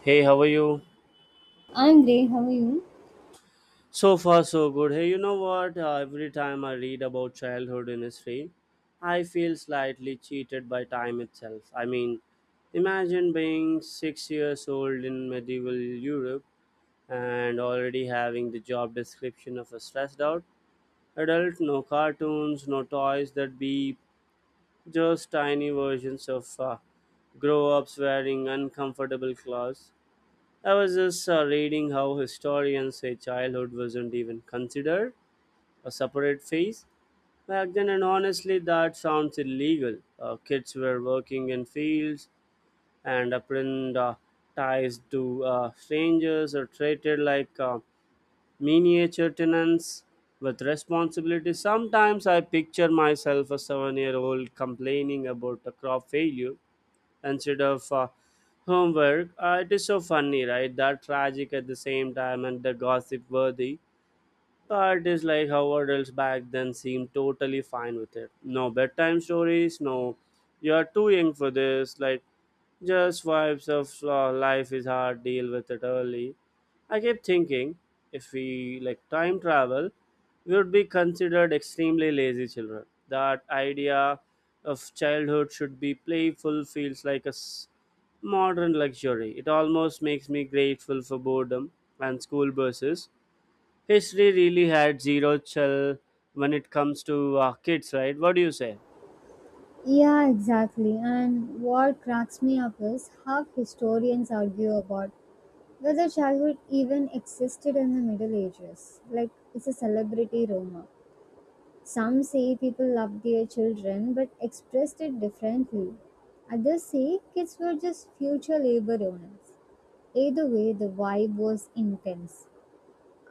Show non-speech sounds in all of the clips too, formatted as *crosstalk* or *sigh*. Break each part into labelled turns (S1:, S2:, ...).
S1: Hey, how are you?
S2: I'm great. How are you?
S1: So far, so good. Hey, you know what? Every time I read about childhood in history, I feel slightly cheated by time itself. Imagine being 6 years old in medieval Europe and already having the job description of a stressed out adult. No cartoons, no toys that beep, just tiny versions of grow ups wearing uncomfortable clothes. I was just reading how historians say childhood wasn't even considered a separate phase back then, and honestly, that sounds illegal. Kids were working in fields and apprentice ties to strangers or treated like miniature tenants with responsibility. Sometimes I picture myself a 7 year old complaining about a crop failure instead of homework. It is so funny, right? That tragic at the same time and the gossip worthy. But it's like how adults back then seemed totally fine with it. No bedtime stories, no, you're too young for this. Like, just vibes of life is hard, deal with it early. I kept thinking if we like time travel, we would be considered extremely lazy children. That idea of childhood should be playful feels like a modern luxury. It almost makes me grateful for boredom and school buses. History really had zero chill when it comes to kids, right? What do you say?
S2: Yeah, exactly. And what cracks me up is how historians argue about whether childhood even existed in the Middle Ages. Like, it's a celebrity rumor. Some say people loved their children but expressed it differently. Others say kids were just future labor owners. Either way, the vibe was intense.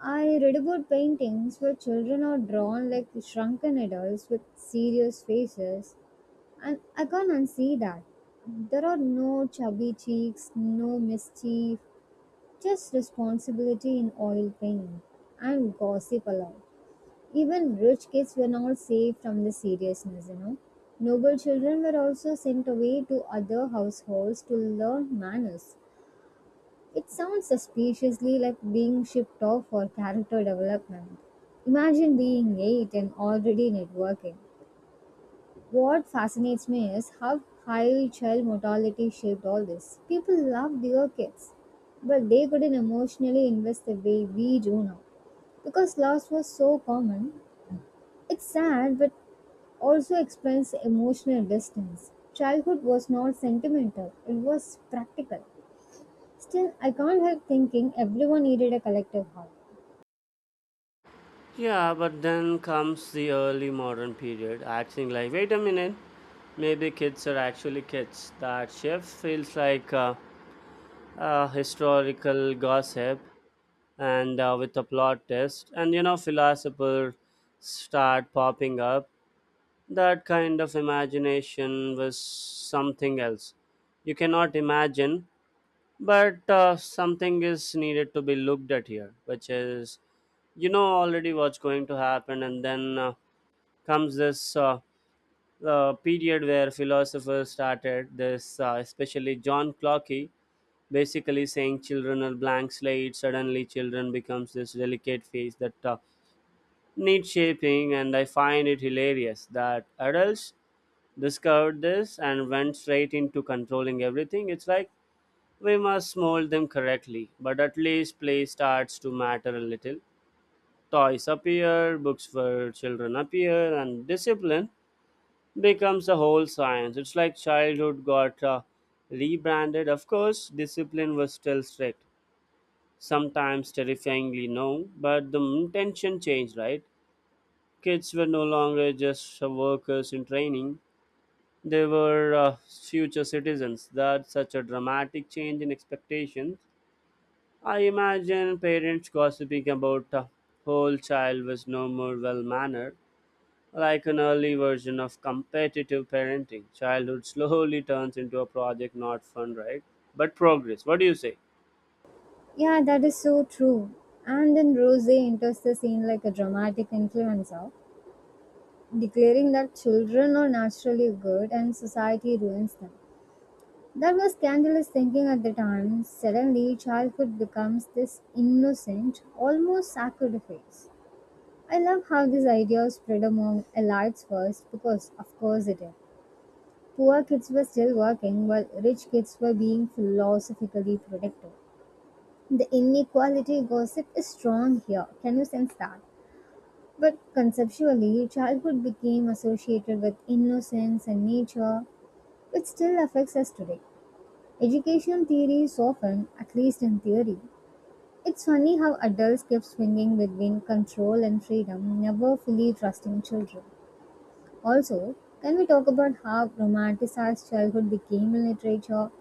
S2: I read about paintings where children are drawn like shrunken adults with serious faces, and I can and see that. There are no chubby cheeks, no mischief, just responsibility in oil paint and gossip allowed. Even rich kids were not saved from the seriousness, you know. Noble children were also sent away to other households to learn manners. It sounds suspiciously like being shipped off for character development. Imagine being eight and already networking. What fascinates me is how high child mortality shaped all this. People loved their kids, but they couldn't emotionally invest the way we do now. Because loss was so common, it's sad but also explains emotional distance. Childhood was not sentimental, it was practical. Still, I can't help thinking everyone needed a collective hug.
S1: Yeah, but then comes the early modern period, acting like, wait a minute, maybe kids are actually kids. That shift feels like historical gossip and with a plot twist. And you know, philosophers start popping up. That kind of imagination was something else. You cannot imagine. But something is needed to be looked at here, which is you know already what's going to happen, and then comes this period where philosophers started this, especially John Clarkey, basically saying children are blank slate. Suddenly, children becomes this delicate face that needs shaping, and I find it hilarious that adults discovered this and went straight into controlling everything. It's like we must mold them correctly, but at least play starts to matter a little. Toys appear, books for children appear, and discipline becomes a whole science. It's like childhood got rebranded. Of course, discipline was still strict, sometimes terrifyingly no, but the intention changed, right? Kids were no longer just workers in training, they were future citizens. That's such a dramatic change in expectations. I imagine parents gossiping about the whole child was no more well mannered, like an early version of competitive parenting. Childhood slowly turns into a project, not fun, right? But progress. What do you say?
S2: Yeah, that is so true. And then Rose enters the scene like a dramatic influencer declaring that children are naturally good and society ruins them. That was scandalous thinking at the time. Suddenly, childhood becomes this innocent, almost sacred. I love how this idea spread among elites first because, of course, it did. Poor kids were still working while rich kids were being philosophically protected. The inequality gossip is strong here. Can you sense that? But conceptually, childhood became associated with innocence and nature, it still affects us today. Education theory is often, at least in theory, it's funny how adults keep swinging between control and freedom, never fully trusting children. Also, can we talk about how romanticized childhood became in literature?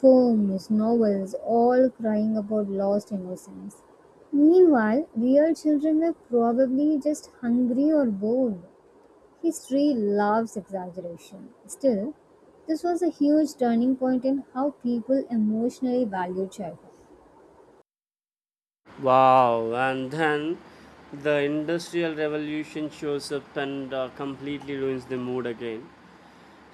S2: Poems, novels, all crying about lost innocence. Meanwhile, real children were probably just hungry or bored. History loves exaggeration. Still, this was a huge turning point in how people emotionally value childhood.
S1: Wow, and then the industrial revolution shows up and completely ruins the mood again.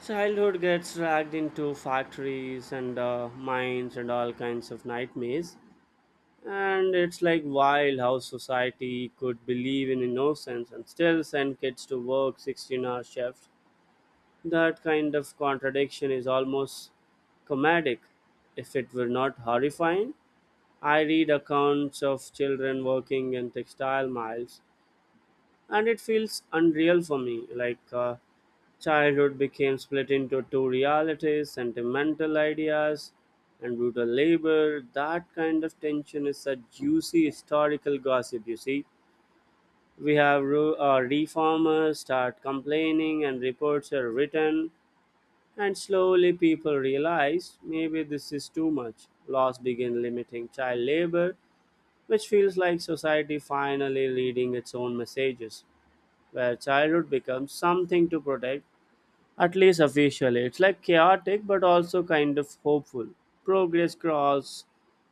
S1: Childhood gets dragged into factories and mines and all kinds of nightmares. And it's like wild how society could believe in innocence and still send kids to work 16-hour shifts. That kind of contradiction is almost comedic, if it were not horrifying. I read accounts of children working in textile mills and it feels unreal for me, like childhood became split into two realities, sentimental ideas and brutal labor. That kind of tension is a juicy historical gossip, you see. We have reformers start complaining and reports are written, and slowly people realize maybe this is too much. Laws begin limiting child labor, which feels like society finally reading its own messages, where childhood becomes something to protect, at least officially. It's like chaotic but also kind of hopeful. Progress cross,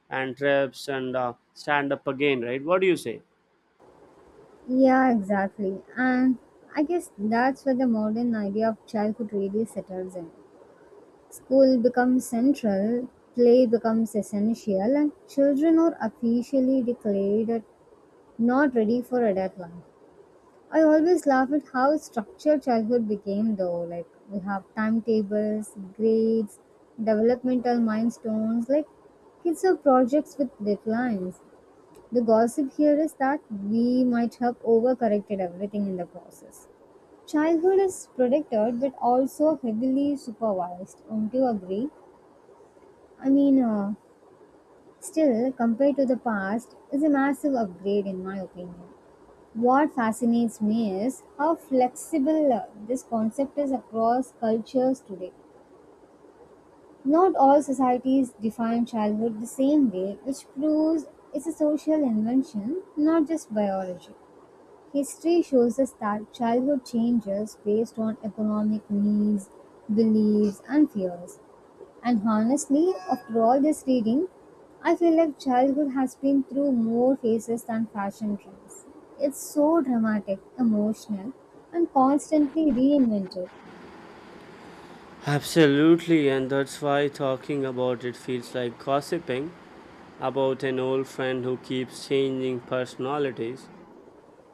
S1: and trips and stand up again, right? What do you say?
S2: Yeah, exactly. And I guess that's where the modern idea of childhood really settles in. School becomes central, play becomes essential, and children are officially declared not ready for adult life. I always laugh at how structured childhood became, though. Like, we have timetables, grades, developmental milestones, like, kids have projects with deadlines. The gossip here is that we might have overcorrected everything in the process. Childhood is protected, but also heavily supervised. Won't you agree? I mean, still, compared to the past, is a massive upgrade in my opinion. What fascinates me is how flexible this concept is across cultures today. Not all societies define childhood the same way, which proves it's a social invention, not just biology. History shows us that childhood changes based on economic needs, beliefs, and fears. And honestly, after all this reading, I feel like childhood has been through more phases than fashion trends. It's so dramatic, emotional, and constantly reinvented.
S1: Absolutely, and that's why talking about it feels like gossiping about an old friend who keeps changing personalities.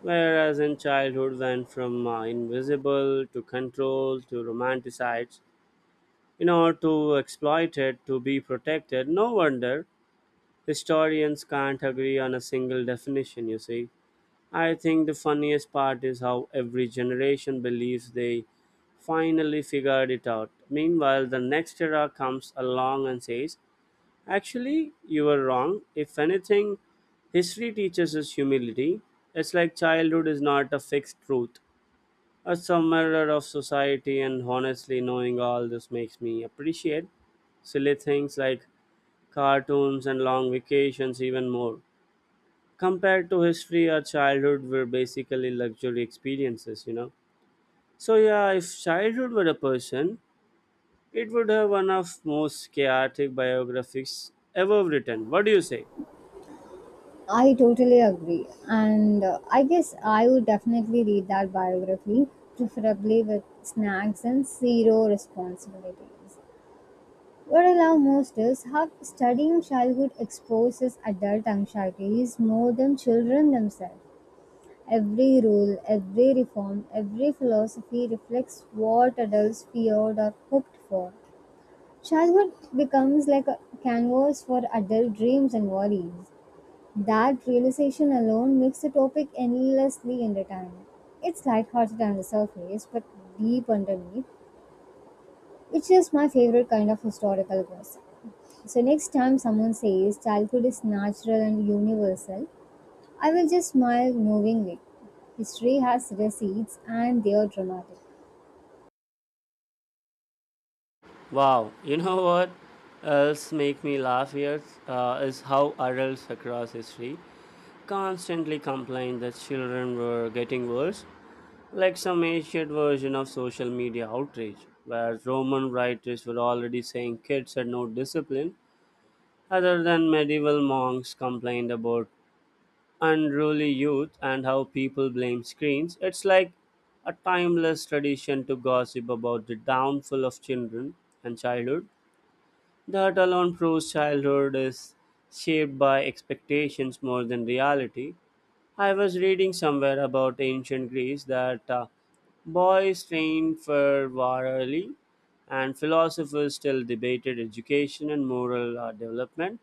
S1: Whereas in childhood, went from invisible to control to romanticized, you know, to exploited to be protected. No wonder historians can't agree on a single definition, you see. I think the funniest part is how every generation believes they finally figured it out. Meanwhile, the next era comes along and says, actually, you were wrong. If anything, history teaches us humility. It's like childhood is not a fixed truth, a summary of society, and honestly, knowing all this makes me appreciate silly things like cartoons and long vacations even more. Compared to history, our childhood were basically luxury experiences, you know. So yeah, if childhood were a person, it would have one of most chaotic biographies ever written. What do you say?
S2: I totally agree. And I guess I would definitely read that biography, preferably with snacks and zero responsibilities. What I love most is how studying childhood exposes adult anxieties more than children themselves. Every rule, every reform, every philosophy reflects what adults feared or hoped for. Childhood becomes like a canvas for adult dreams and worries. That realization alone makes the topic endlessly entertaining. It's lighthearted on the surface, but deep underneath, which is my favorite kind of historical gossip. So, next time someone says childhood is natural and universal, I will just smile knowingly. History has receipts and they are dramatic.
S1: Wow, you know what else make me laugh here, is how adults across history constantly complain that children were getting worse, like some ancient version of social media outrage, where Roman writers were already saying kids had no discipline. Other than medieval monks complained about unruly youth and how people blame screens, it's like a timeless tradition to gossip about the downfall of children and childhood. That alone proves childhood is shaped by expectations more than reality. I was reading somewhere about ancient Greece that boys trained for war early, and philosophers still debated education and moral development.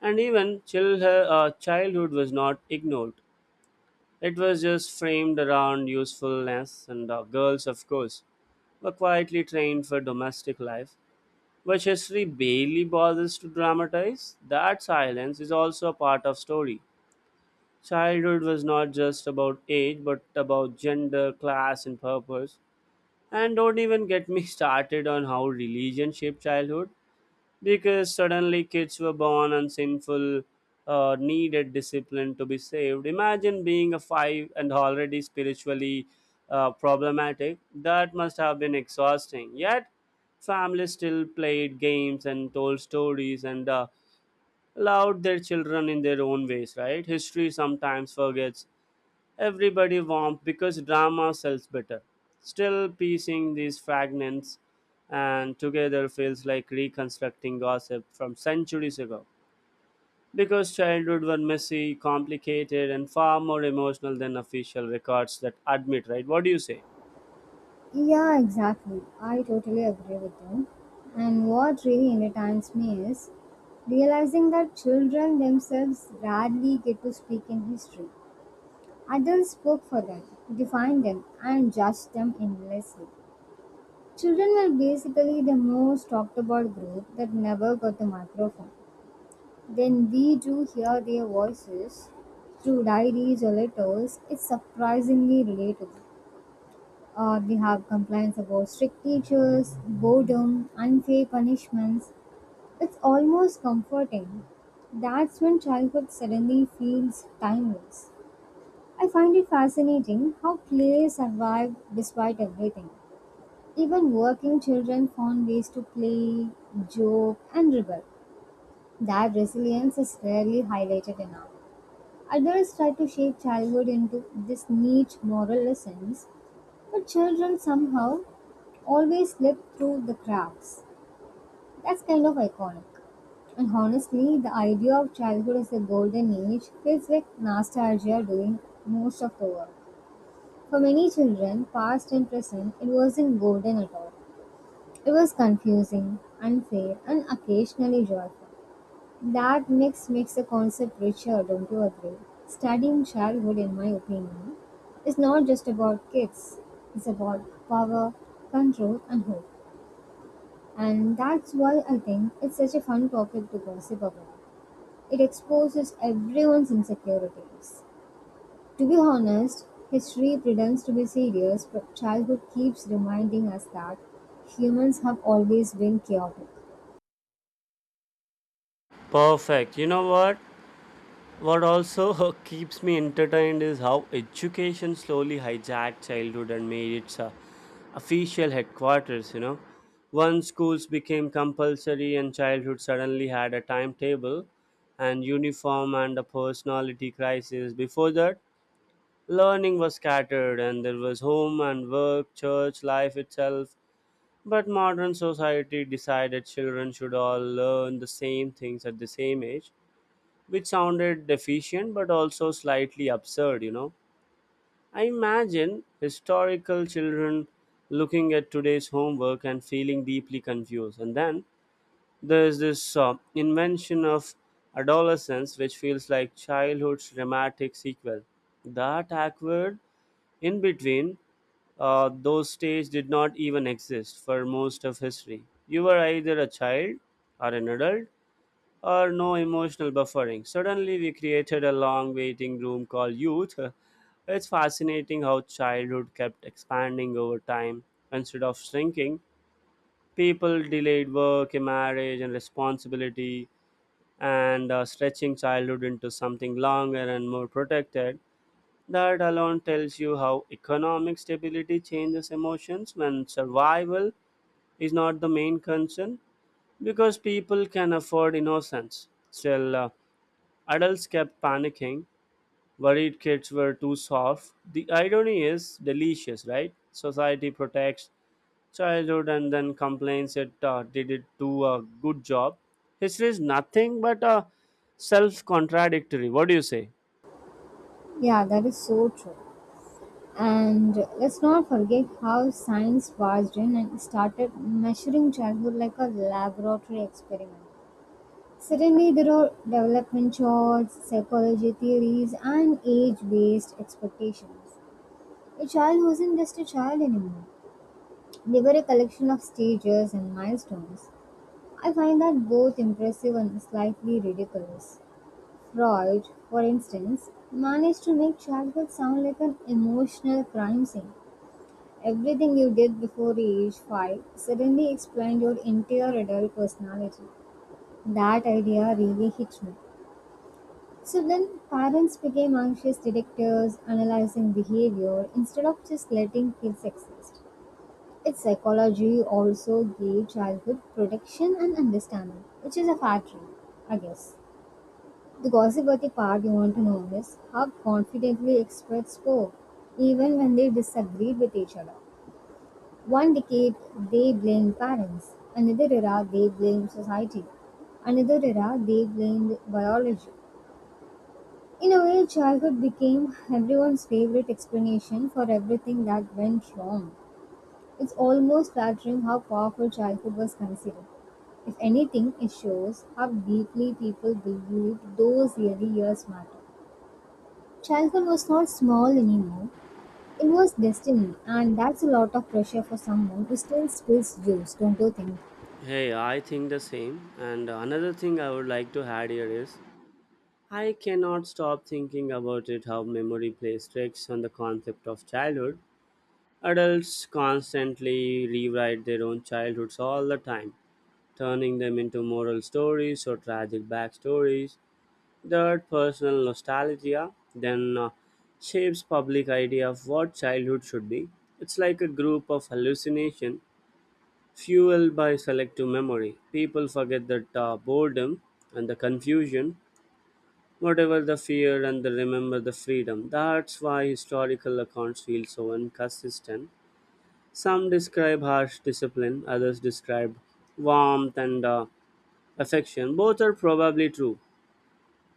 S1: And even childhood was not ignored. It was just framed around usefulness, and girls, of course, were quietly trained for domestic life, which history barely bothers to dramatize. That silence is also a part of story. Childhood was not just about age, but about gender, class, and purpose. And don't even get me *laughs* started on how religion shaped childhood, because suddenly kids were born and sinful, needed discipline to be saved. Imagine being a five and already spiritually problematic. That must have been exhausting. Yet families still played games and told stories and allowed their children in their own ways, right? History sometimes forgets everybody warmth because drama sells better. Still, piecing these fragments and together feels like reconstructing gossip from centuries ago. Because childhood were messy, complicated, and far more emotional than official records that admit, right? What do you say?
S2: Yeah, exactly. I totally agree with you. And what really entertains me is realizing that children themselves rarely get to speak in history. Adults spoke for them, defined them, and judged them endlessly. Children were basically the most talked about group that never got the microphone. When we do hear their voices through diaries or letters, it's surprisingly relatable. They have complaints about strict teachers, boredom, unfair punishments. It's almost comforting. That's when childhood suddenly feels timeless. I find it fascinating how play survived despite everything. Even working children found ways to play, joke, and rebel. That resilience is rarely highlighted enough. Adults try to shape childhood into this neat moral lessons, but children somehow always slip through the cracks. That's kind of iconic. And honestly, the idea of childhood as a golden age feels like nostalgia doing most of the work. For many children, past and present, it wasn't golden at all. It was confusing, unfair, and occasionally joyful. That mix makes the concept richer, don't you agree? Studying childhood, in my opinion, is not just about kids, it's about power, control, and hope. And that's why I think it's such a fun topic to gossip about. It exposes everyone's insecurities. To be honest, history pretends to be serious, but childhood keeps reminding us that humans have always been chaotic.
S1: Perfect. You know what? What also *laughs* keeps me entertained is how education slowly hijacked childhood and made its official headquarters, you know. Once schools became compulsory, and childhood suddenly had a timetable and uniform and a personality crisis. Before that, learning was scattered and there was home and work, church, life itself. But modern society decided children should all learn the same things at the same age, which sounded deficient but also slightly absurd, you know. I imagine historical children looking at today's homework and feeling deeply confused. And then there's this invention of adolescence, which feels like childhood's dramatic sequel. That awkward in between, those stages did not even exist for most of history. You were either a child or an adult or no emotional buffering. Suddenly, we created a long waiting room called youth. It's fascinating how childhood kept expanding over time instead of shrinking. People delayed work, marriage, and responsibility, and stretching childhood into something longer and more protected. That alone tells you how economic stability changes emotions when survival is not the main concern, because people can afford innocence. Still, adults kept panicking, worried kids were too soft. The irony is delicious, right? Society protects childhood and then complains it did it do a good job. History is nothing but a self contradictory. What do you say?
S2: Yeah, that is so true. And let's not forget how science barged in and started measuring childhood like a laboratory experiment. Suddenly, there are development charts, psychology theories, and age based expectations. A child wasn't just a child anymore, they were a collection of stages and milestones. I find that both impressive and slightly ridiculous. Freud, for instance, managed to make childhood sound like an emotional crime scene. Everything you did before age 5 suddenly explained your entire adult personality. That idea really hit me. So then, parents became anxious detectives analyzing behavior instead of just letting kids exist. Its psychology also gave childhood protection and understanding, which is a factory, I guess. The gossipy part you want to know is how confidently experts spoke, even when they disagreed with each other. One decade they blamed parents, another era they blamed society, another era they blamed biology. In a way, childhood became everyone's favorite explanation for everything that went wrong. It's almost flattering how powerful childhood was considered. If anything, it shows how deeply people believed those early years matter. Childhood was not small anymore, it was destiny, and that's a lot of pressure for someone who still spills juice, don't you think?
S1: Hey, I think the same. And another thing I would like to add here is I cannot stop thinking about it, how memory plays tricks on the concept of childhood. Adults constantly rewrite their own childhoods all the time, turning them into moral stories or tragic backstories. Third, personal nostalgia then shapes public idea of what childhood should be. It's like a group of hallucination fueled by selective memory. People forget that boredom and the confusion, whatever the fear, and they remember the freedom. That's why historical accounts feel so inconsistent. Some describe harsh discipline, others describe warmth and affection. Both are probably true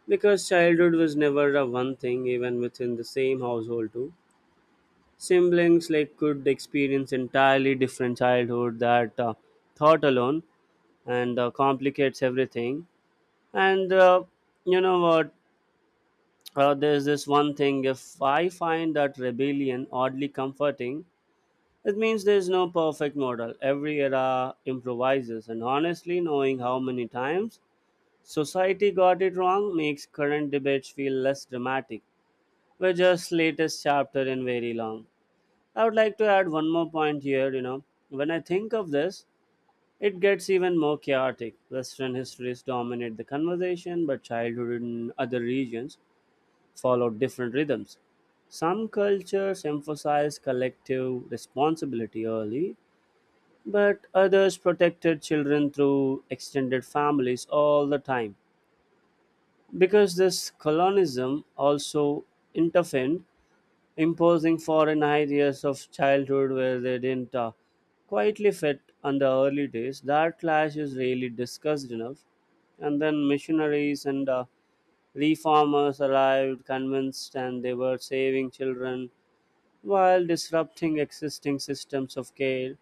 S1: because childhood was never a one thing even within the same household too. Siblings like could experience entirely different childhood. That thought alone and complicates everything. And you know what? There's this one thing, if I find that rebellion oddly comforting, it means there's no perfect model. Every era improvises, and honestly, knowing how many times society got it wrong makes current debates feel less dramatic. We're just latest chapter in very long. I would like to add one more point here, you know. When I think of this, it gets even more chaotic. Western histories dominate the conversation, but childhood in other regions follow different rhythms. Some cultures emphasize collective responsibility early, but others protected children through extended families all the time. Because this colonism also intervened, imposing foreign ideas of childhood where they didn't quietly fit on the early days. That clash is really discussed enough. And then missionaries and reformers arrived convinced and they were saving children while disrupting existing systems of care.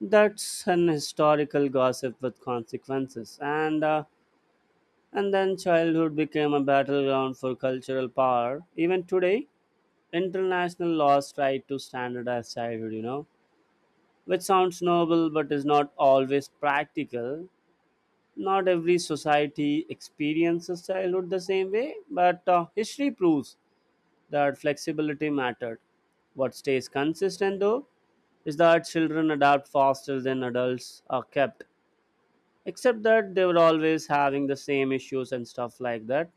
S1: That's an historical gossip with consequences. And then childhood became a battleground for cultural power. Even today, international laws try to standardize childhood, you know, which sounds noble but is not always practical. Not every society experiences childhood the same way, but history proves that flexibility mattered. What stays consistent, though, is that children adapt faster than adults are kept, except that they were always having the same issues and stuff like that,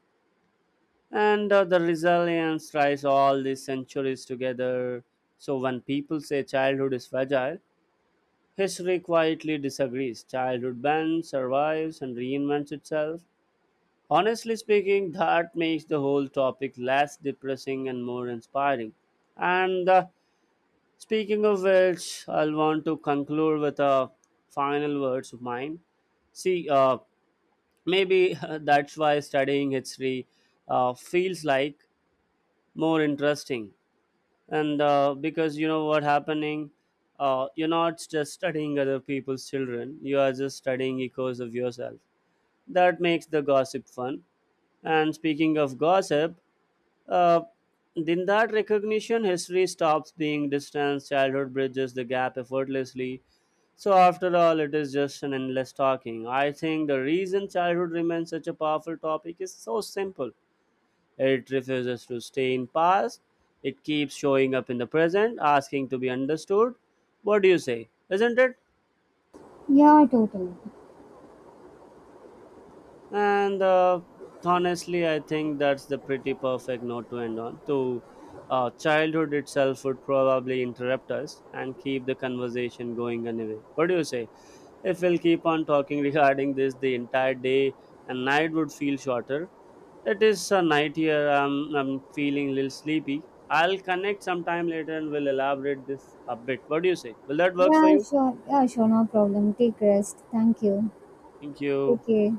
S1: and the resilience ties all these centuries together. So when people say childhood is fragile, history quietly disagrees. Childhood bends, survives, and reinvents itself. Honestly speaking, that makes the whole topic less depressing and more inspiring. And speaking of which, I'll want to conclude with a final words of mine. See, maybe *laughs* that's why studying history feels like more interesting and because you know what happening, you're not just studying other people's children, you are just studying echoes of yourself. That makes the gossip fun. And speaking of gossip, uh, in that recognition history stops being distance. Childhood bridges the gap effortlessly. So after all it is just an endless talking. I think the reason childhood remains such a powerful topic is so simple: it refuses to stay in past. It keeps showing up in the present, asking to be understood. What do you say? Isn't it?
S2: Yeah, totally.
S1: And honestly, I think that's the pretty perfect note to end on. To childhood itself would probably interrupt us and keep the conversation going anyway. What do you say? If we'll keep on talking regarding this, the entire day and night would feel shorter. It is a night here. I'm feeling a little sleepy. I'll connect sometime later and we'll elaborate this a bit. What do you say? Will that work for
S2: Yeah,
S1: you?
S2: sure. Yeah, sure. No problem. Take rest. Thank you.
S1: Thank you.
S2: Take care.